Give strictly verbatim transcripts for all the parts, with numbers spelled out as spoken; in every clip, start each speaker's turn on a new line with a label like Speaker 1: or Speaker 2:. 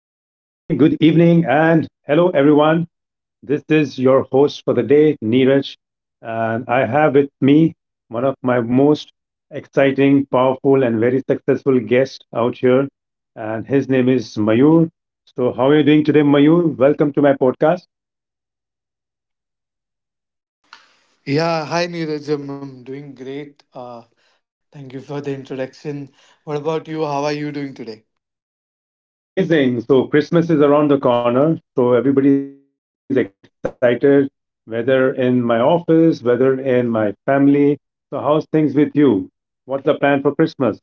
Speaker 1: evening, and hello, everyone. This is your host for the day, Neeraj, and I have with me one of my most exciting, powerful, and very successful guests out here, and his name is Mayur. So, how are you doing today, Mayur? Welcome to my podcast.
Speaker 2: Yeah, hi Neeraj. I'm I'm doing great. Uh, thank you for the introduction. What about you? How are you doing today?
Speaker 1: I'm doing amazing. So Christmas is around the corner, so everybody's excited, whether in my office, whether in my family. So how's things with you? What's the plan for Christmas?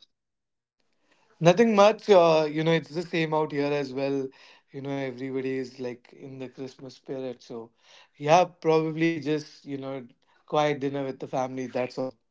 Speaker 2: Nothing much. Uh, you know, it's the same out here as well. You know, everybody is like in the Christmas spirit. So, yeah, probably just, you know, quiet dinner with the family. That's all.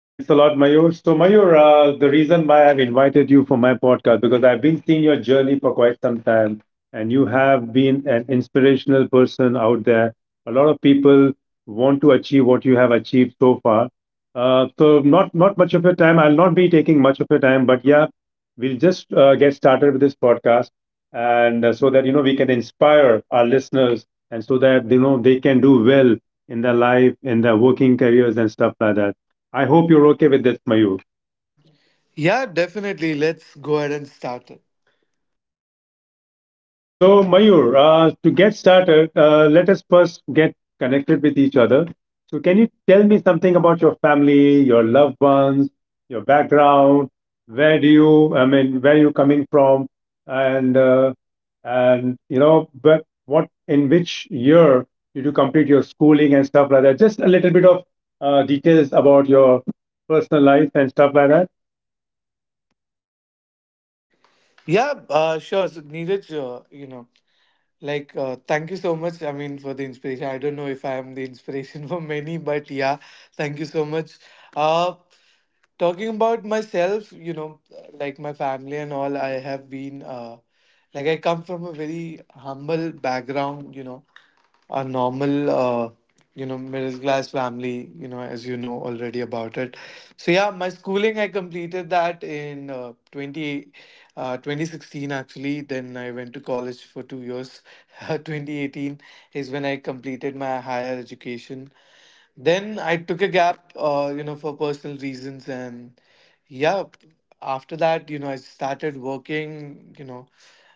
Speaker 1: Thanks a lot, Mayur. So, Mayur, uh, the reason why I've invited you for my podcast because I've been seeing your journey for quite some time, and you have been an inspirational person out there. A lot of people want to achieve what you have achieved so far. Uh, so, not not much of your time. I'll not be taking much of your time, but yeah, we'll just uh, get started with this podcast, and uh, so that you know we can inspire our listeners, and so that you know they can do well in their life, in their working careers, and stuff like that. I hope you're okay with that, Mayur.
Speaker 2: Yeah, definitely. Let's go ahead and start it.
Speaker 1: Perfect. So, Mayur, uh, to get started, uh, let us first get connected with each other. So, can you tell me something about your family, your loved ones, your background? Where do you, I mean, where you coming from, and uh, and you know, but what in which year did you complete your schooling and stuff like that? Just a little bit of uh, details about your personal life and stuff like that.
Speaker 2: Yeah, uh, sure. So, Neeraj, uh, you know, like, uh, thank you so much. I mean, for the inspiration. I don't know if I am the inspiration for many, but yeah, thank you so much. Uh, Talking about myself, you know, like my family and all, I have been, uh, like, I come from a very humble background, you know, a normal uh, you know middle class family, you know, as you know already about it. So yeah, my schooling I completed that in uh, 20 uh, twenty sixteen, actually. Then I went to college for two years. twenty eighteen is when I completed my higher education. Then I took a gap, uh, you know, for personal reasons, and yeah, after that, you know, I started working, you know,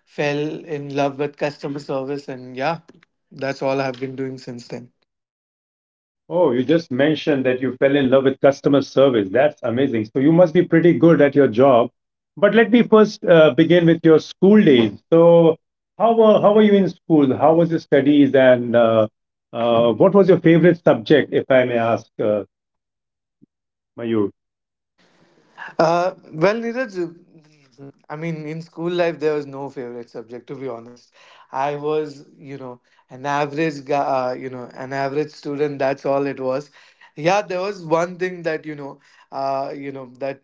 Speaker 2: fell in love with customer service, and yeah, that's all I've been doing since then.
Speaker 1: Oh, you just mentioned that you fell in love with customer service. That's amazing. So you must be pretty good at your job. But let me first uh, begin with your school days. So how were how were you in school? How was your studies, and uh, uh, what was your favorite subject, if I may ask, uh, Mayur?
Speaker 2: Uh, well, Neeraj, I mean, in school life, there was no favorite subject, to be honest. I was, you know, an average guy, uh, you know, an average student. That's all it was. Yeah, there was one thing that, you know, uh, you know, that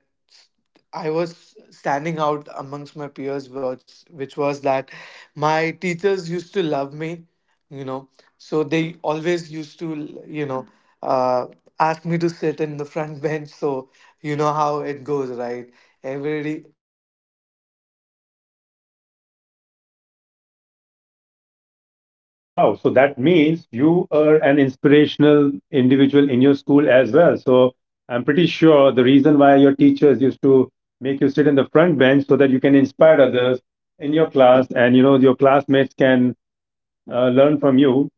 Speaker 2: I was standing out amongst my peers, which, which was that my teachers used to love me, you know, so they always used to, you know, uh, ask me to sit in the front bench. So, you know how it goes, right? Everybody everybody loves front benchers in that particular life. Yeah.
Speaker 1: Wow. So that means you are an inspirational individual in your school as well. So I'm pretty sure the reason why your teachers used to make you sit in the front bench so that you can inspire others in your class and you know your classmates can uh, learn from you.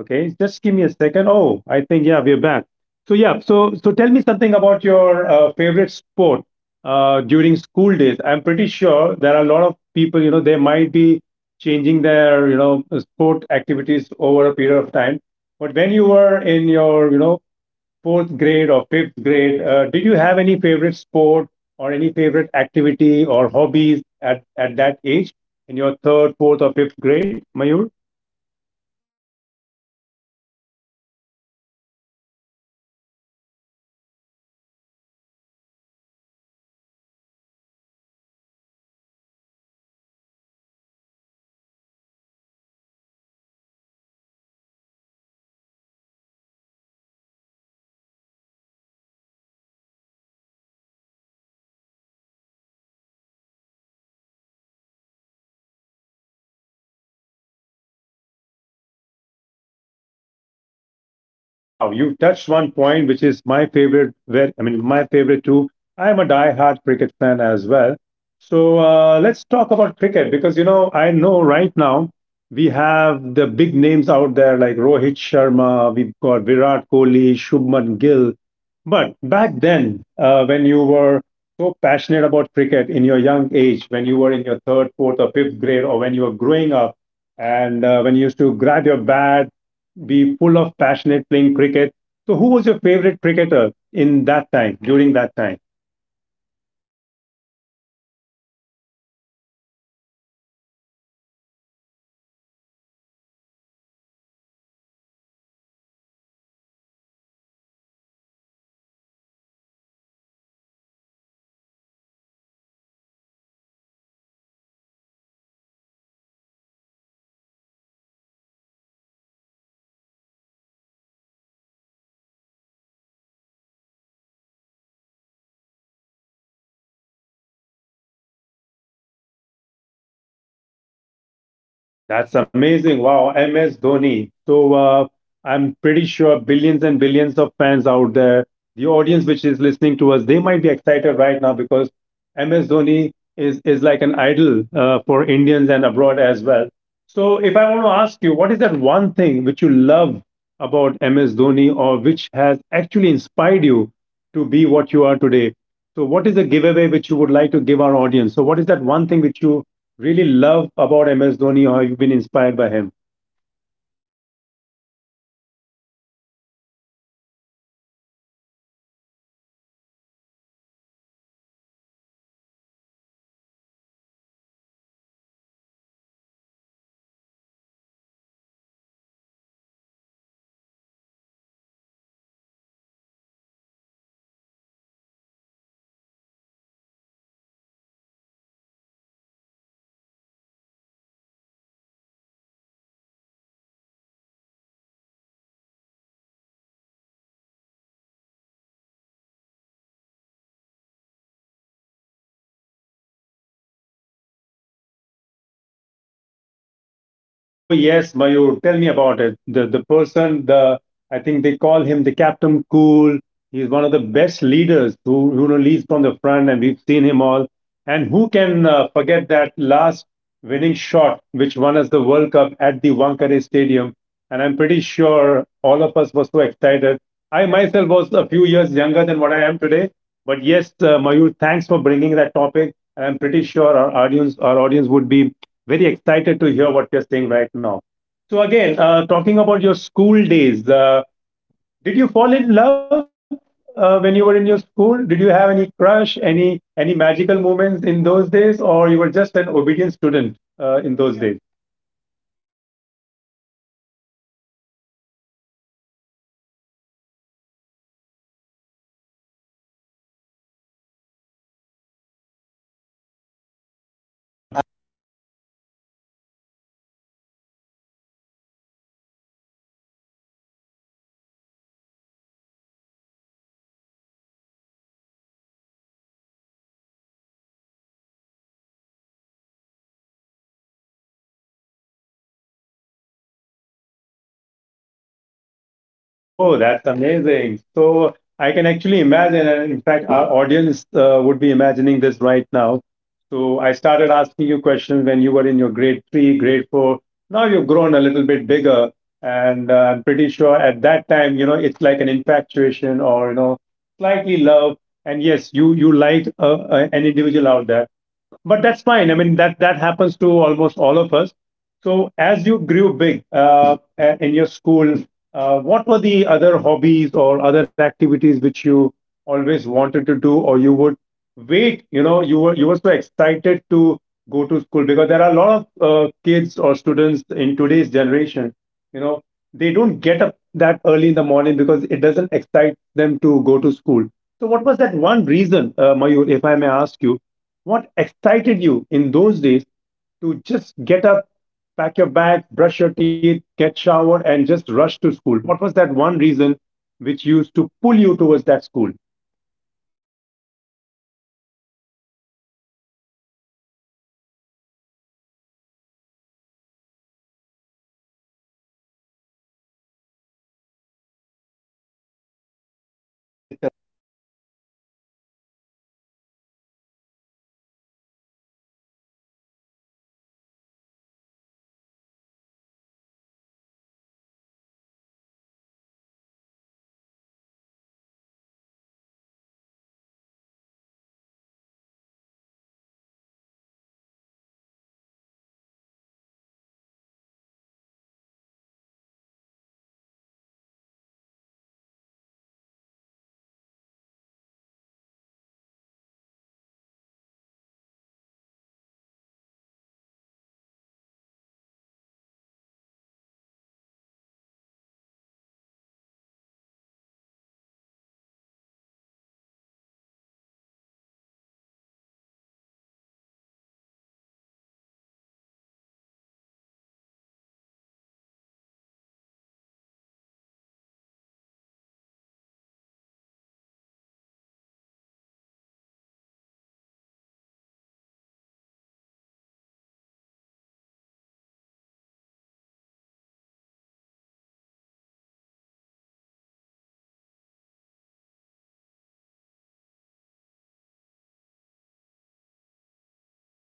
Speaker 1: Okay, just give me a second. Oh, I think yeah, we're back. So yeah, so so tell me something about your uh, favorite sport uh, during school days. I'm pretty sure there are a lot of people, you know, they might be changing their, you know, uh, sport activities over a period of time. But when you were in your, you know, fourth grade or fifth grade, uh, did you have any favorite sport or any favorite activity or hobbies at at that age in your third, fourth, or fifth grade, Mayur?
Speaker 2: Uh, Neeraj, to be honest with you, it's been the same since, you know, as far as I can remember, it's cricket. Uh, you know, every weekend I used to like, the moment I wake up, that was around six, seven, whatever the time was. I used to just grab my bat, uh, call all of my friends, or, you know, my neighbors and everybody, and just, yeah, playing cricket from day till evening, coming back all muddy and all. Mom used to shout, that's all it's been.
Speaker 1: Oh wow, you touched one point which is my favorite. Where I mean, my favorite too. I'm a die-hard cricket fan as well. So uh, let's talk about cricket because you know I know right now we have the big names out there like Rohit Sharma. We've got Virat Kohli, Shubman Gill. But back then, uh, when you were so passionate about cricket in your young age, when you were in your third, fourth, or fifth grade, or when you were growing up, and uh, when you used to grab your bat be full of passionate playing cricket. So, who was your favorite cricketer in that time, during that time?
Speaker 2: Uh, well, it's the same, you know, since uh, you know I started. It's M S Dhoni, to be honest. You know, it he. There, I mean, he's an inspirational person. He actually he's one of my inspirations of, you know, uh, how you can be calm in under pressure. So you know, I've seen him, you know, since twenty. Uh, sorry, since two thousand and seven. you know I have been following him, I mean, that's when I remember that I started following. Maybe it could be a bit earlier than that.
Speaker 1: That's amazing. Wow, M S Dhoni. So uh, I'm pretty sure billions and billions of fans out there, the audience which is listening to us, they might be excited right now because M S Dhoni is is like an idol uh, for Indians and abroad as well. So if I want to ask you, what is that one thing which you love about M S Dhoni or which has actually inspired you to be what you are today? So what is the giveaway which you would like to give our audience? So what is that one thing which you really love about M S Dhoni, or you've been inspired by him?
Speaker 2: Yeah, as I said earlier, you know it's uh, he is one of my inspirations, and i i guess, you know, most of our listeners will also agree about it, is uh, the way he is calm, his calmness, his leadership qualities, and all of that. Like, the way he, you know handles pressure i mean handles the entire situation under pressure. You know the way he leads the you know the way he led the Indian cricket team to the World Cup after so many years. Not just the World Cup, but the, you know, one day internationals, t twenty, you name it, he has done it. So yeah.
Speaker 1: Oh yes, Mayur, tell me about it. The the person, the I think they call him the Captain Cool. He's one of the best leaders who who you know, leads from the front, and we've seen him all. And who can uh, forget that last winning shot which won us the World Cup at the Wankhede Stadium? And I'm pretty sure all of us were so excited. I myself was a few years younger than what I am today. But yes, uh, Mayur, thanks for bringing that topic. I'm pretty sure our audience our audience would be very excited to hear what you're saying right now. So again, uh, talking about your school days, uh, did you fall in love uh, when you were in your school? Did you have any crush, any any magical moments in those days, or you were just an obedient student uh, in those days?
Speaker 2: Uh, well, what should I say about it? Yeah, I mean, I had crush. Uh, you know, Actually, it's a little embarrassing. It's I had a crush on my teacher actually,
Speaker 1: Actually,
Speaker 2: and yeah, that that was it. You know, I had a crush on my uh, mathematics teacher. Uh, she was lovely. You know, she used to always uh, ask me to sit in front. So you know, it just, I believe, that was my school first love, first crush, whatever you want to say it.
Speaker 1: oh, that's amazing. So I can actually imagine, and in fact, our audience uh, would be imagining this right now. So I started asking you questions when you were in your grade three, grade four. Now you've grown a little bit bigger, and uh, I'm pretty sure at that time, you know, it's like an infatuation or, you know, slightly love. And yes, you you liked uh, uh, an individual out there but that's fine. I mean, that that happens to almost all of us. So, as you grew big uh, a- in your school, uh, what were the other hobbies or other activities which you always wanted to do, or you would wait? You know, you were you were so excited to go to school because there are a lot of uh, kids or students in today's generation. You know, they don't get up that early in the morning because it doesn't excite them to go to school. So, what was that one reason, uh, Mayur, if I may ask you? What excited you in those days to just get up, pack your bag, brush your teeth, get showered, and just rush to school? What was that one reason which used to pull you towards that school?
Speaker 2: Well, uh, for me, it was actually quite a few things. You know, uh, starting with my mathematics teacher, you know, that I cru- that I
Speaker 1: I
Speaker 2: had a
Speaker 1: had a
Speaker 2: crush on. So that was one, that was one of the reasons. Uh, you know, I I don't I mean I I love eating, you know, so the other reason was the morning uh breakfast that, you know, I used to get. Like, I still go there in the morning. If I if I'm awake at six o'clock, I have to visit, you know my school. There's a nice, you know uh Anna that used to come selling, you know medu vadas and idli. So that was second reason. Third reason was actually what I liked about was actually walking with my mother. You know, she used to walk me to school, and you know, that was something that, you know, I miss now when I don't have that much time to spend with her. I mean, those days I still remember, you know, walking with her, holding her hand, you know, in the raining in the rainy season, you know, under you know, I was wearing my raincoat, she under an umbrella. Like those things, you know, in yeah, that that is something that I actually miss, and that is one of the reasons as well that I used to wake up properly, do everything, you know, my routine, brush my teeth, get ready, go to school on time. I mean, yeah, that's all I wanted to say about it.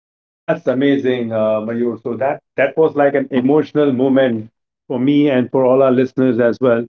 Speaker 1: that's amazing, uh, Mayur. So that that was like an emotional moment for me and for all our listeners as well.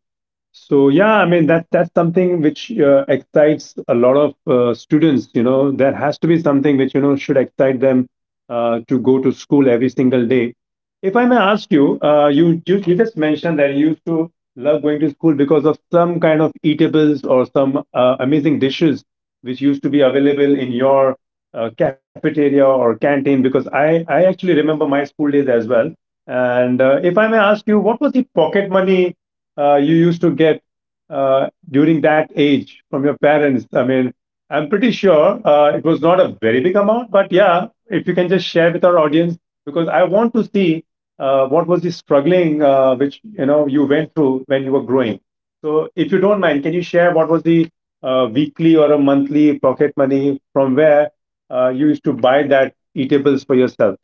Speaker 1: So yeah, I mean that that's something which uh, excites a lot of uh, students. You know, there has to be something which you know should excite them uh, to go to school every single day. If I may ask you, uh, you, you you just mentioned that you used to love going to school because of some kind of eatables or some uh, amazing dishes which used to be available in your uh, cafeteria or canteen. Because I I actually remember my school days as well. And uh, if I may ask you, what was the pocket money uh, you used to get uh, during that age from your parents? I mean, I'm pretty sure uh, it was not a very big amount, but yeah, if you can just share with our audience, because I want to see uh, what was the struggling uh, which you know you went through when you were growing. So, if you don't mind, can you share what was the uh, weekly or a monthly pocket money from where uh, you used to buy that eatables for yourself?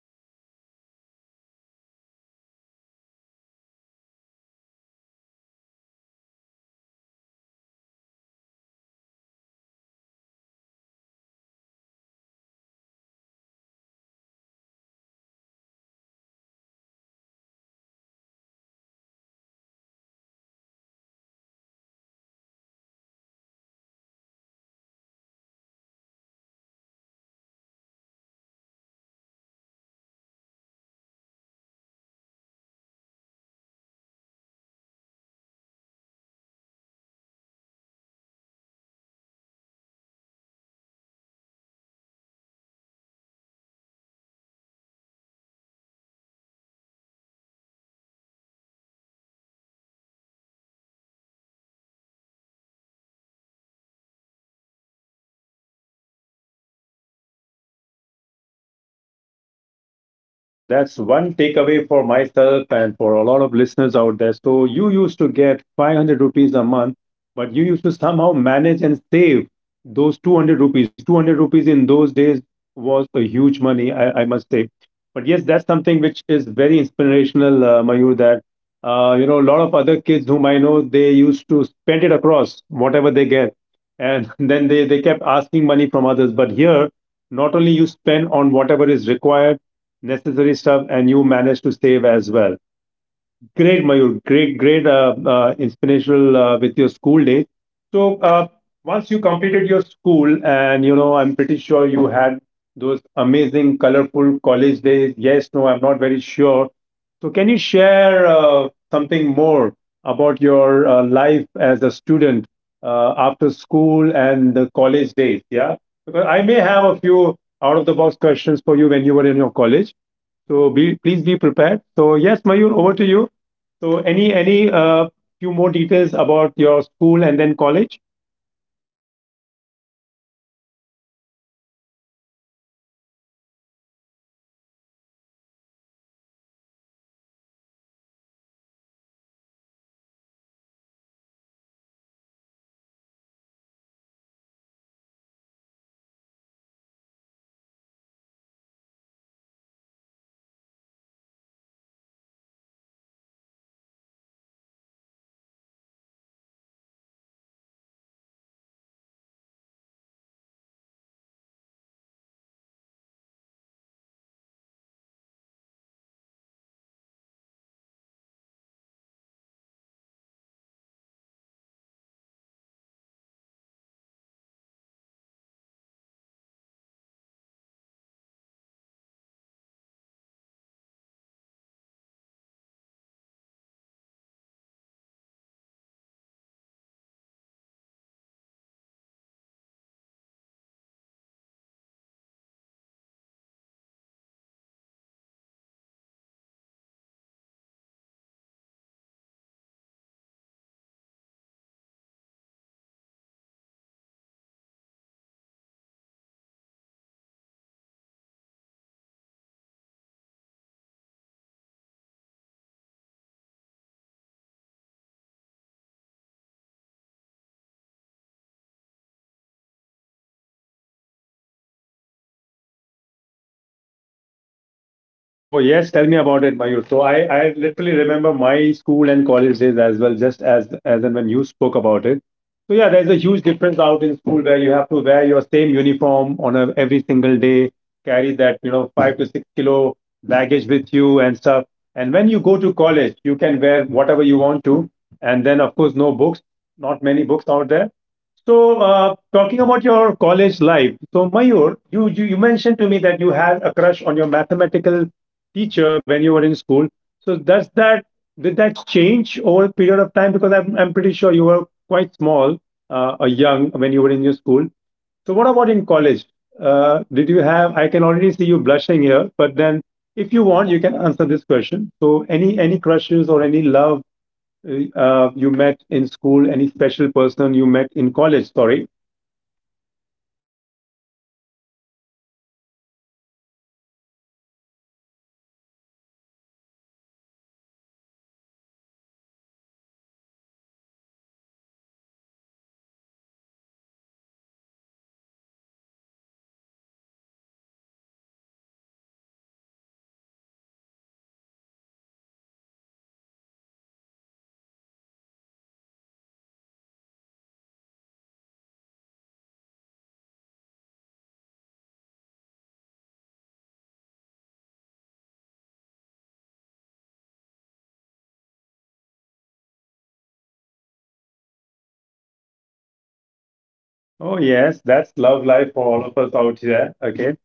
Speaker 2: Yeah, I mean, uh, yeah, I used to get monthly allowance, so I used to get five hundred, okay, from which I have to manage my own, you know, uh, enjoyment, or you know, like, in terms of, if I want to go out with my friends for games, if I want to get myself a new bat cricket bat, or a cricket ball proper one, or anything that's, I, that i'm missing, like shoes and those things. Uh, on top of that, you know, if, let's say, it's my birthday, or if there's a festival around, the money that I used to receive, that was also, you know, like, I used to save that everything up. five hundred rupees is what I used to get. i used to get I used to go, like, five days school, so I used to divide ten rupees per day. So that's three hundred, and the two hundred rupees used to be for if I go out with my friends, or if I save it for a new bat or new shoes and stuff like that.
Speaker 1: Oh, that's one takeaway for myself and for a lot of listeners out there. So you used to get five hundred rupees a month, but you used to somehow manage and save those two hundred rupees. two hundred rupees in those days was a huge money, I, I must say. But yes, that's something which is very inspirational, uh, Mayur, that uh, you know, a lot of other kids whom I know, they used to spend it across whatever they get. And then they, they kept asking money from others. But here, not only you spend on whatever is required, necessary stuff and you managed to save as well. Great Mayur, great, great, uh, uh, inspirational uh, with your school days. So uh, once you completed your school and you know I'm pretty sure you had those amazing colorful college days, yes no I'm not very sure. So can you share uh, something more about your uh, life as a student uh, after school and the college days, yeah, because I may have a few out of the box questions for you when you were in your college, so be please be prepared. So yes, Mayur, over to you. So any any uh, few more details about your school and then college?
Speaker 2: Uh, yeah, I would say, see, I have not, uh, you know, I was, uh, the moment I went to college, I, I did college, the conventional colleges, like, you know, that you have to visit and go, like the full-time college thing. I'm in college for two years, okay, uh, in which, you know, half of the time I was, I used to not go to classes because I was selected for, you know, cultural committee. So we used to have a committee wherein we organize, you know, different uh, festivals and things like that. So fifty percent of my attendance used to get marked like that. uh, you know and yeah, I have enjoyed my two years, that's my eleventh and twelfth standard, a lot. Uh, not twelfth standard I would say, but eleventh, of course, that one whole year. It's like, I you know I was least bothered studying, to be honest, and more towards, you know, enjoying. Because, you know, it's a new feeling that you don't have to wear the same school uniform. You have to you know you actually can dress as you want to and go to college. There is no you know yeah, there's no burden of carrying books. I used to carry one notebook, or sometimes I just used to borrow somebody else's notebook just to take down notes. So, yeah, that was just, you know, a new life. Uh, like, first time seeing, you know, different people in different clothes. Otherwise, it's like, you know how it goes in school. You know, you wear the same uniform. You, at, a- after some time, you get bored of those colors.
Speaker 1: Oh yes, tell me about it, Mayur. So I, I literally remember my school and college days as well, just as as and when you spoke about it. So yeah, there's a huge difference out in school where you have to wear your same uniform on a, every single day, carry that you know five to six kilo baggage with you and stuff. And when you go to college, you can wear whatever you want to, and then of course no books, not many books out there. So, uh, talking about your college life, so Mayur, you, you you mentioned to me that you had a crush on your mathematical teacher when you were in school. So, does that did that change over a period of time? Because I'm I'm pretty sure you were quite small, uh, or young when you were in your school. So, what about in college? Uh, did you have? I can already see you blushing here, but then if you want, you can answer this question. So, any any crushes or any love uh, uh, you met in school, any special person you met in college? Sorry.
Speaker 2: Yeah, I, you know, yes, of course, you know, everybody meets the one, you know, sometimes you meet them, you know, when you're in school, sometimes it's like in your college, sometimes that can be later on in your life as well. So, yeah, I mean, of course, yes, I would say, you know, uh, yeah, I had uh, a crush on a girl. I c- Actually, that was in ninth standard. You know, when I was still in school, she used to be in my class. She then when I went to college, she came to the same college. We were in the same class as well. So yes, I I definitely had someone, you know, after the teacher.
Speaker 1: Oh, yes, that's love life for all of us out here. Okay,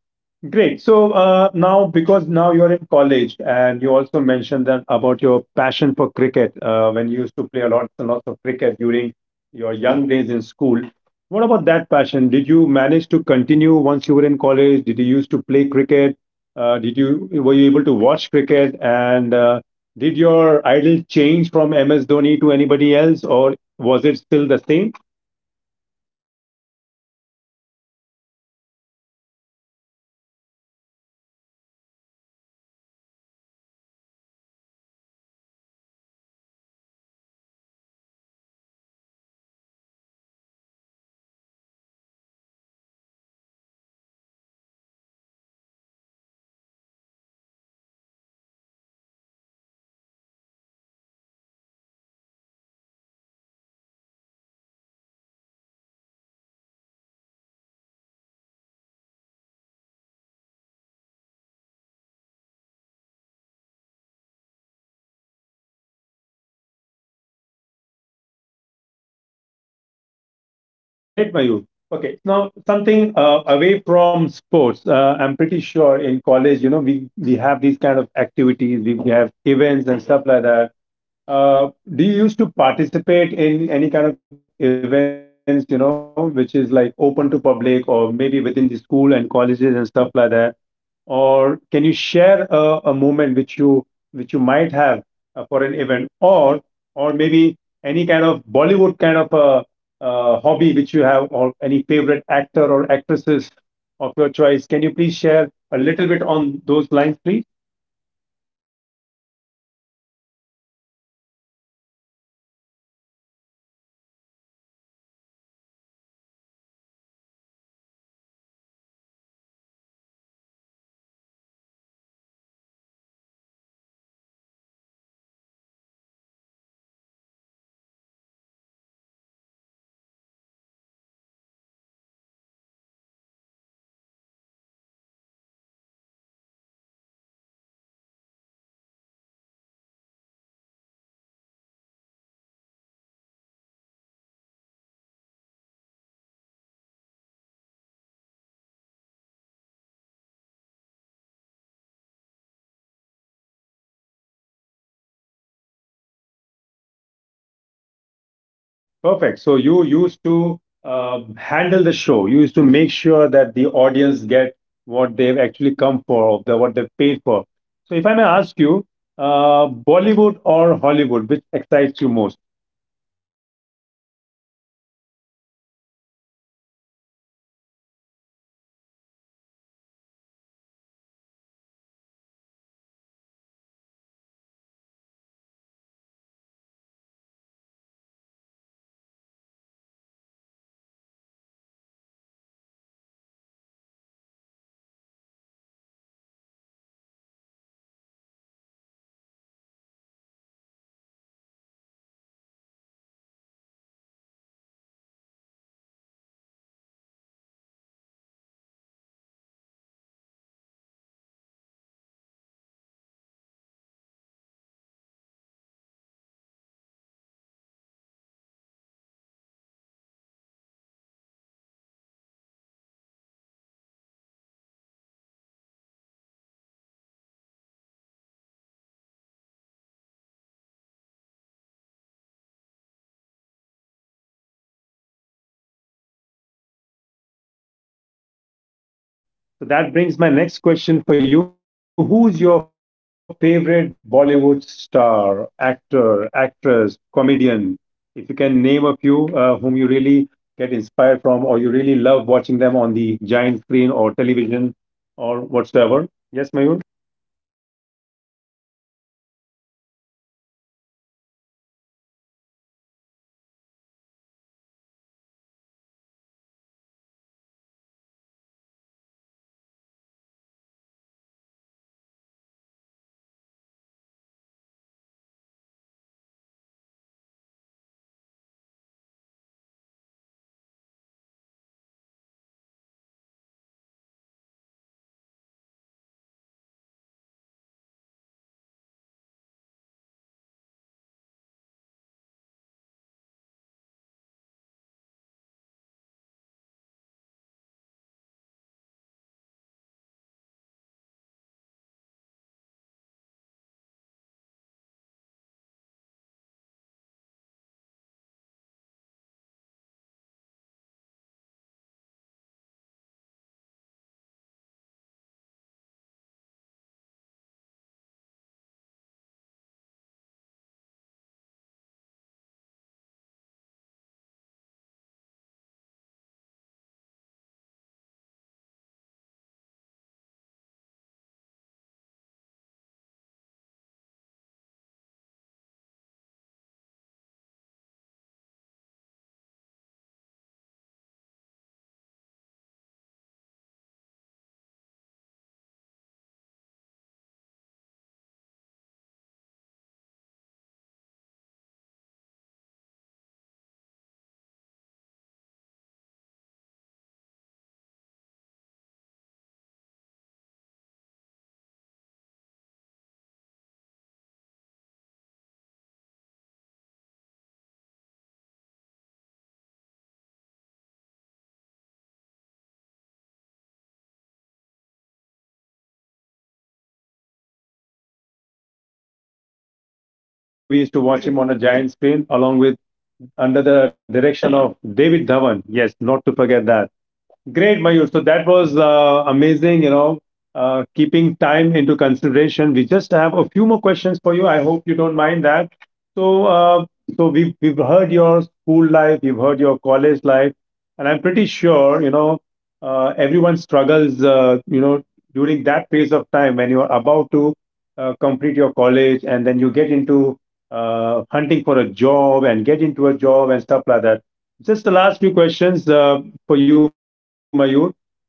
Speaker 1: great. So uh, now, because now you're in college, and you also mentioned that about your passion for cricket, uh, when you used to play a lot and lots of cricket during your young days in school. What about that passion? Did you manage to continue once you were in college? Did you used to play cricket? Uh, did you were you able to watch cricket? And uh, did your idol change from M S Dhoni to anybody else, or was it still the same?
Speaker 2: Okay, uh yeah, I mean it it was the same only. M S Dhoni is like I'm a huge fan, so it's not gonna change, you know. From as I said, as far as I remember, that's two thousand seven. From that particular point till right now, it is exactly the same. Uh, my idols, you know. uh, so yeah, in terms of playing cricket, yes, I actually, you know, participated in my college cricket team. You know, we used to play inter inter college cricket. I we have, you know, uh, we were runner up for uh, you know, a tournament back in twenty seventeen. Yeah, so yes, I was able to.
Speaker 1: Great, Mayur. Okay, now something uh, away from sports. Uh, I'm pretty sure in college, you know, we we have these kind of activities, we we have events and stuff like that. Uh, do you used to participate in any kind of events, you know, which is like open to public or maybe within the school and colleges and stuff like that? Or can you share a, a moment which you which you might have uh, for an event, or or maybe any kind of Bollywood kind of a, uh hobby which you have, or any favorite actor or actresses of your choice? Can you please share a little bit on those lines, please?
Speaker 2: Yeah, Neeraj, definitely. As I said, you know, uh, eh, in eleventh, twelfth standard, I was a part of culture committee. So that was something that, you know, was there. I used to like, you know, start the, in terms of participating, actually, I was not able to because I was the organizer, organizer, you know, one of them. So I used to be behind the scenes of every festival. We have arranged n number of festivals. We had a Bollywood night, you know, then we had, uh, you know, traditional dresses and, you know, competition, ramp walks, you know, fashion shows, then music festivals. So yeah, I mean, I have been into, uh, you know, I've participated, but you know, towards the behind the scenes kind of a.
Speaker 1: Perfect. So you used to um, handle the show. You used to make sure that the audience get what they've actually come for, the, what they've paid for. So if I may ask you, uh, Bollywood or Hollywood, which excites you most?
Speaker 2: See, in terms of uh, stories, I would say Bollywood. But if I want to say, you know, so I'm a Marvel fan. Okay, I have, uh, I would say 20, uh, twenty twelve is, you know, the first Hollywood movie that I've, uh, that I saw. Okay, then after that, the v uh, you know, the way they show, or the, you know, direction of how the movie goes, the action, you say the action, vfx, you know, storyline. Yes, it could, uh, you know, work. They can take inspiration from Bollywood about it, but yeah, apart from that, yes, I love, so it's not like, you know, uh, i i have, I can choose either one of them, because I, yes, I like Hollywood films in terms of, uh, action and all, but I do like the stories that we have in our, you know, Bollywood industry.
Speaker 1: So that brings my next question for you. Who's your favorite Bollywood star, actor, actress, comedian? If you can name a few uh, whom you really get inspired from, or you really love watching them on the giant screen or television or whatsoever. Yes, Mayur?
Speaker 2: Uh, I'm not too sure if you know. So uh, you know, we, like I'm a twenties kid, okay, or you can say late nineties. So I'm not too sure if you know everybody, because in late nineties new actors were coming in, like Salman Khan, you know, Amir Khan, and all those. But uh, I grew up watching Govinda, uh, Kader Khan, Johnny Lever, you know. Uh, Salman Khan, yeah, of course, uh, you know, all this for big names. So, to be honest, I am a huge Govinda fan. Uh, in terms of comedians, I love Johnny Lever. I have watched all the movies that he has, you know, been in. Not just, you know, the Bollywood movies, but apart from that, he has been, or he was, you know, into, uh, what you can say, uh, as a guest appearance in other movies as well, in other languages. I've watched those movies as well just for his, you know, uh, particular scene. Uh, and Kader Khan sir, uh, you know, God bless his soul now. Uh, but yeah, he is like the funniest comedian, the f- most, you know, like the way he's, uh, you know, Kader Khan sir's comic timings were. I mean, that's amazing. In terms of new actors, I would say, you know. uh, we have nice actors like, you know, Salman Khan is one of them, Amir Khan, all three Khans. So you know nobody can deny them. They have that, uh, you know, weightage in our Bollywood industry. So yeah, I would say in terms of favorite. Uh, actors, uh, actor, I would say Govinda. I, I that's why I said, you know, like it's a bit old school because I grew grew up watching that. That, uh, you know, Govinda is my dad's favorite, my uncle's favorite, my favorite, my mother's favorite. So yeah.
Speaker 1: Oh, yes, Govinda. So I, I remember those days when, you know, most of his movies, uh, it used to be like comedy. We used to, you know, uh, you know, laugh out loud whenever we used to watch him on a giant screen along with under the direction of David Dhawan. Yes, not to forget that. Great, Mayur. So that was uh, amazing, you know, uh, keeping time into consideration. We just have a few more questions for you. I hope you don't mind that. So, uh, so we've, we've heard your school life, you've heard your college life, and I'm pretty sure, you know, uh, everyone struggles, uh, you know, during that phase of time when you're about to uh, complete your college and then you get into uh, hunting for a job and get into a job and stuff like that. Just the last few questions uh, for you, Mayur,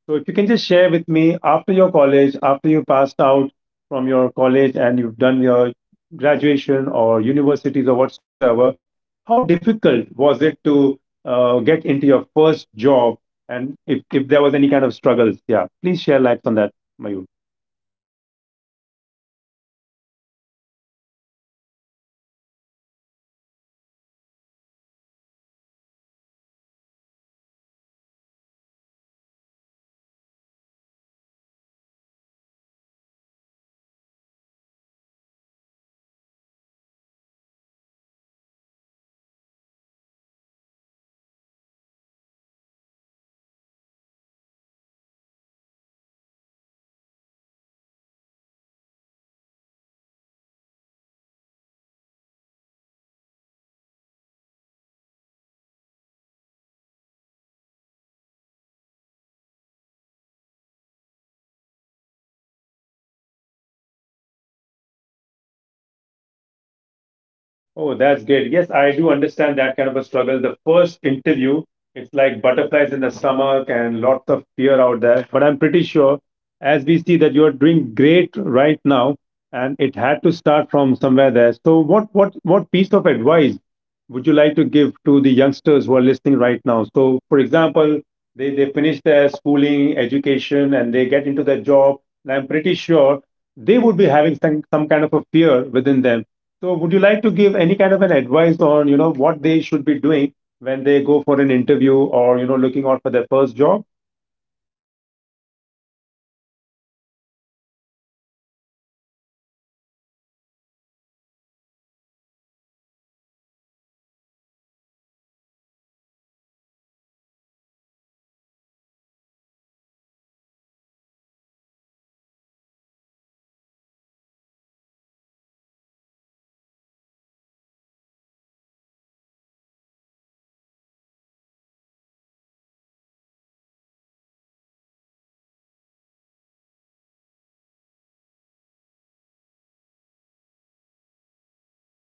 Speaker 1: so if you can just share with me after your college, after you passed out from your college and you've done your graduation or universities or whatsoever, how difficult was it to uh, get into your first job? And if, if there was any kind of struggles, yeah, please share lights on that, Mayur.
Speaker 2: Uh, well, to be honest, uh, I would say that, you know, I didn't had that much struggles in my life in terms of finding a job. Uh, because the moment I graduated, you know, uh, we I had friends, you know, who were already working while they were getting graduated. So I was lucky enough uh, for their references, uh, because of which I got into my first job. So, you know, to be honest, the only thing I struggle with is the nerve that I had when I went into the, you know, uh, my first interview. The nervousness that I had, that was the only struggle that I faced in terms of job hunting, thanks to my friends. Uh, they were kind enough to refer me for my first job.
Speaker 1: Oh, that's great. Yes, I do understand that kind of a struggle. The first interview, it's like butterflies in the stomach and lots of fear out there. But I'm pretty sure, as we see, that you're doing great right now, and it had to start from somewhere there. So, what what what piece of advice would you like to give to the youngsters who are listening right now? So, for example, they they finish their schooling, education, and they get into their job. And I'm pretty sure they would be having some, some kind of a fear within them, so, would you like to give any kind of an advice on, you know, what they should be doing when they go for an interview or, you know, looking out for their first job?
Speaker 2: See, first of all, I, I would advise them to, you know, to not to take, you know, so much stress in terms of interview. Just be confident in their own skills, you know. That would be the most important thing, to be confident. uh, second thing is, you know, let's say after the interviews when you get selected for a job, uh, you know, after the interviews when you are actually working, is consistency. Uh, in if you are consistent, you know, doing what you are, and if you become the best in what you are doing,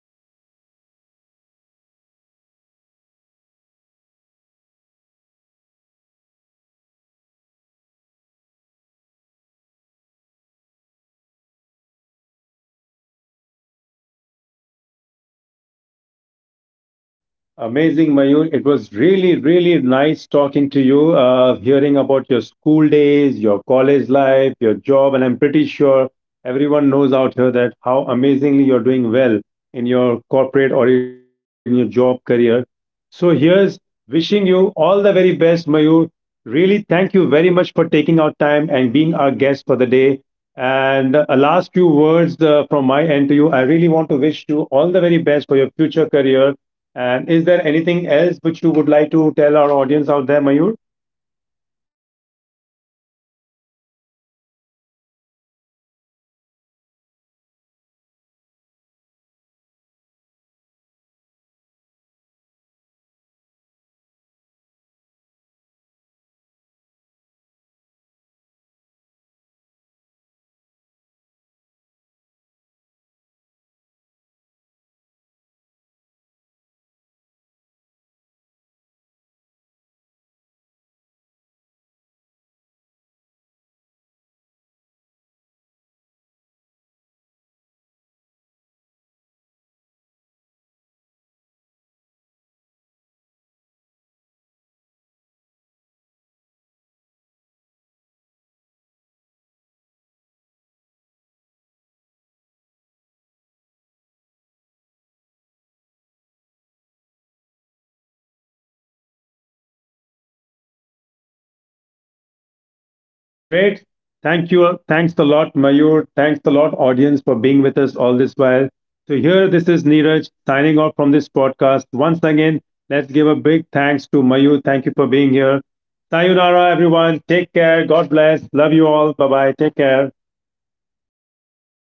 Speaker 2: uh, you know, that that feeling, trust me, that feeling never goes away. And when you achieve that for the first time, you know, you will only, uh, you know, go for excellence after that.
Speaker 1: Amazing, Mayur. It was really, really nice talking to you, uh, hearing about your school days, your college life, your job, and I'm pretty sure everyone knows out here that how amazingly you're doing well in your corporate or in your job career. So here's wishing you all the very best, Mayur. Really, thank you very much for taking out time and being our guest for the day. And uh, a last few words uh, from my end to you. I really want to wish you all the very best for your future career, and is there anything else which you would like to tell our audience out there, Mayur?
Speaker 2: Uh, not specifically, Neeraj. You know, thank you so much. Uh, I mean, it, it, uh, it's good that, you know, you called me, and it was a nice, lovely chat, you know, that we had. Uh, you re- you actually reminded me of my old s- own times, school times, and all of that. Yeah. Uh, in terms of last few words, I don't have much to say, but yeah, I would say who, you know, to our audiences. You know, like do, even if you are not in, you know, looking out for a job or anything, just in general life as well, uh, just be confident. You know, confidence is the key for success in many things, you know, not just in job, in your life as well. The more confident that you are, it doesn't mean that you get overconfident, but yeah, you should be confident in your own skills, that, you know, anybody, uh, that you can do everything and anything that you wish to.
Speaker 1: Great. Thank you. Thanks a lot, Mayur. Thanks a lot, audience, for being with us all this while. So, here, this is Neeraj signing off from this podcast. Once again, let's give a big thanks to Mayur. Thank you for being here. Sayonara, everyone. Take care. God bless. Love you all. Bye bye. Take care.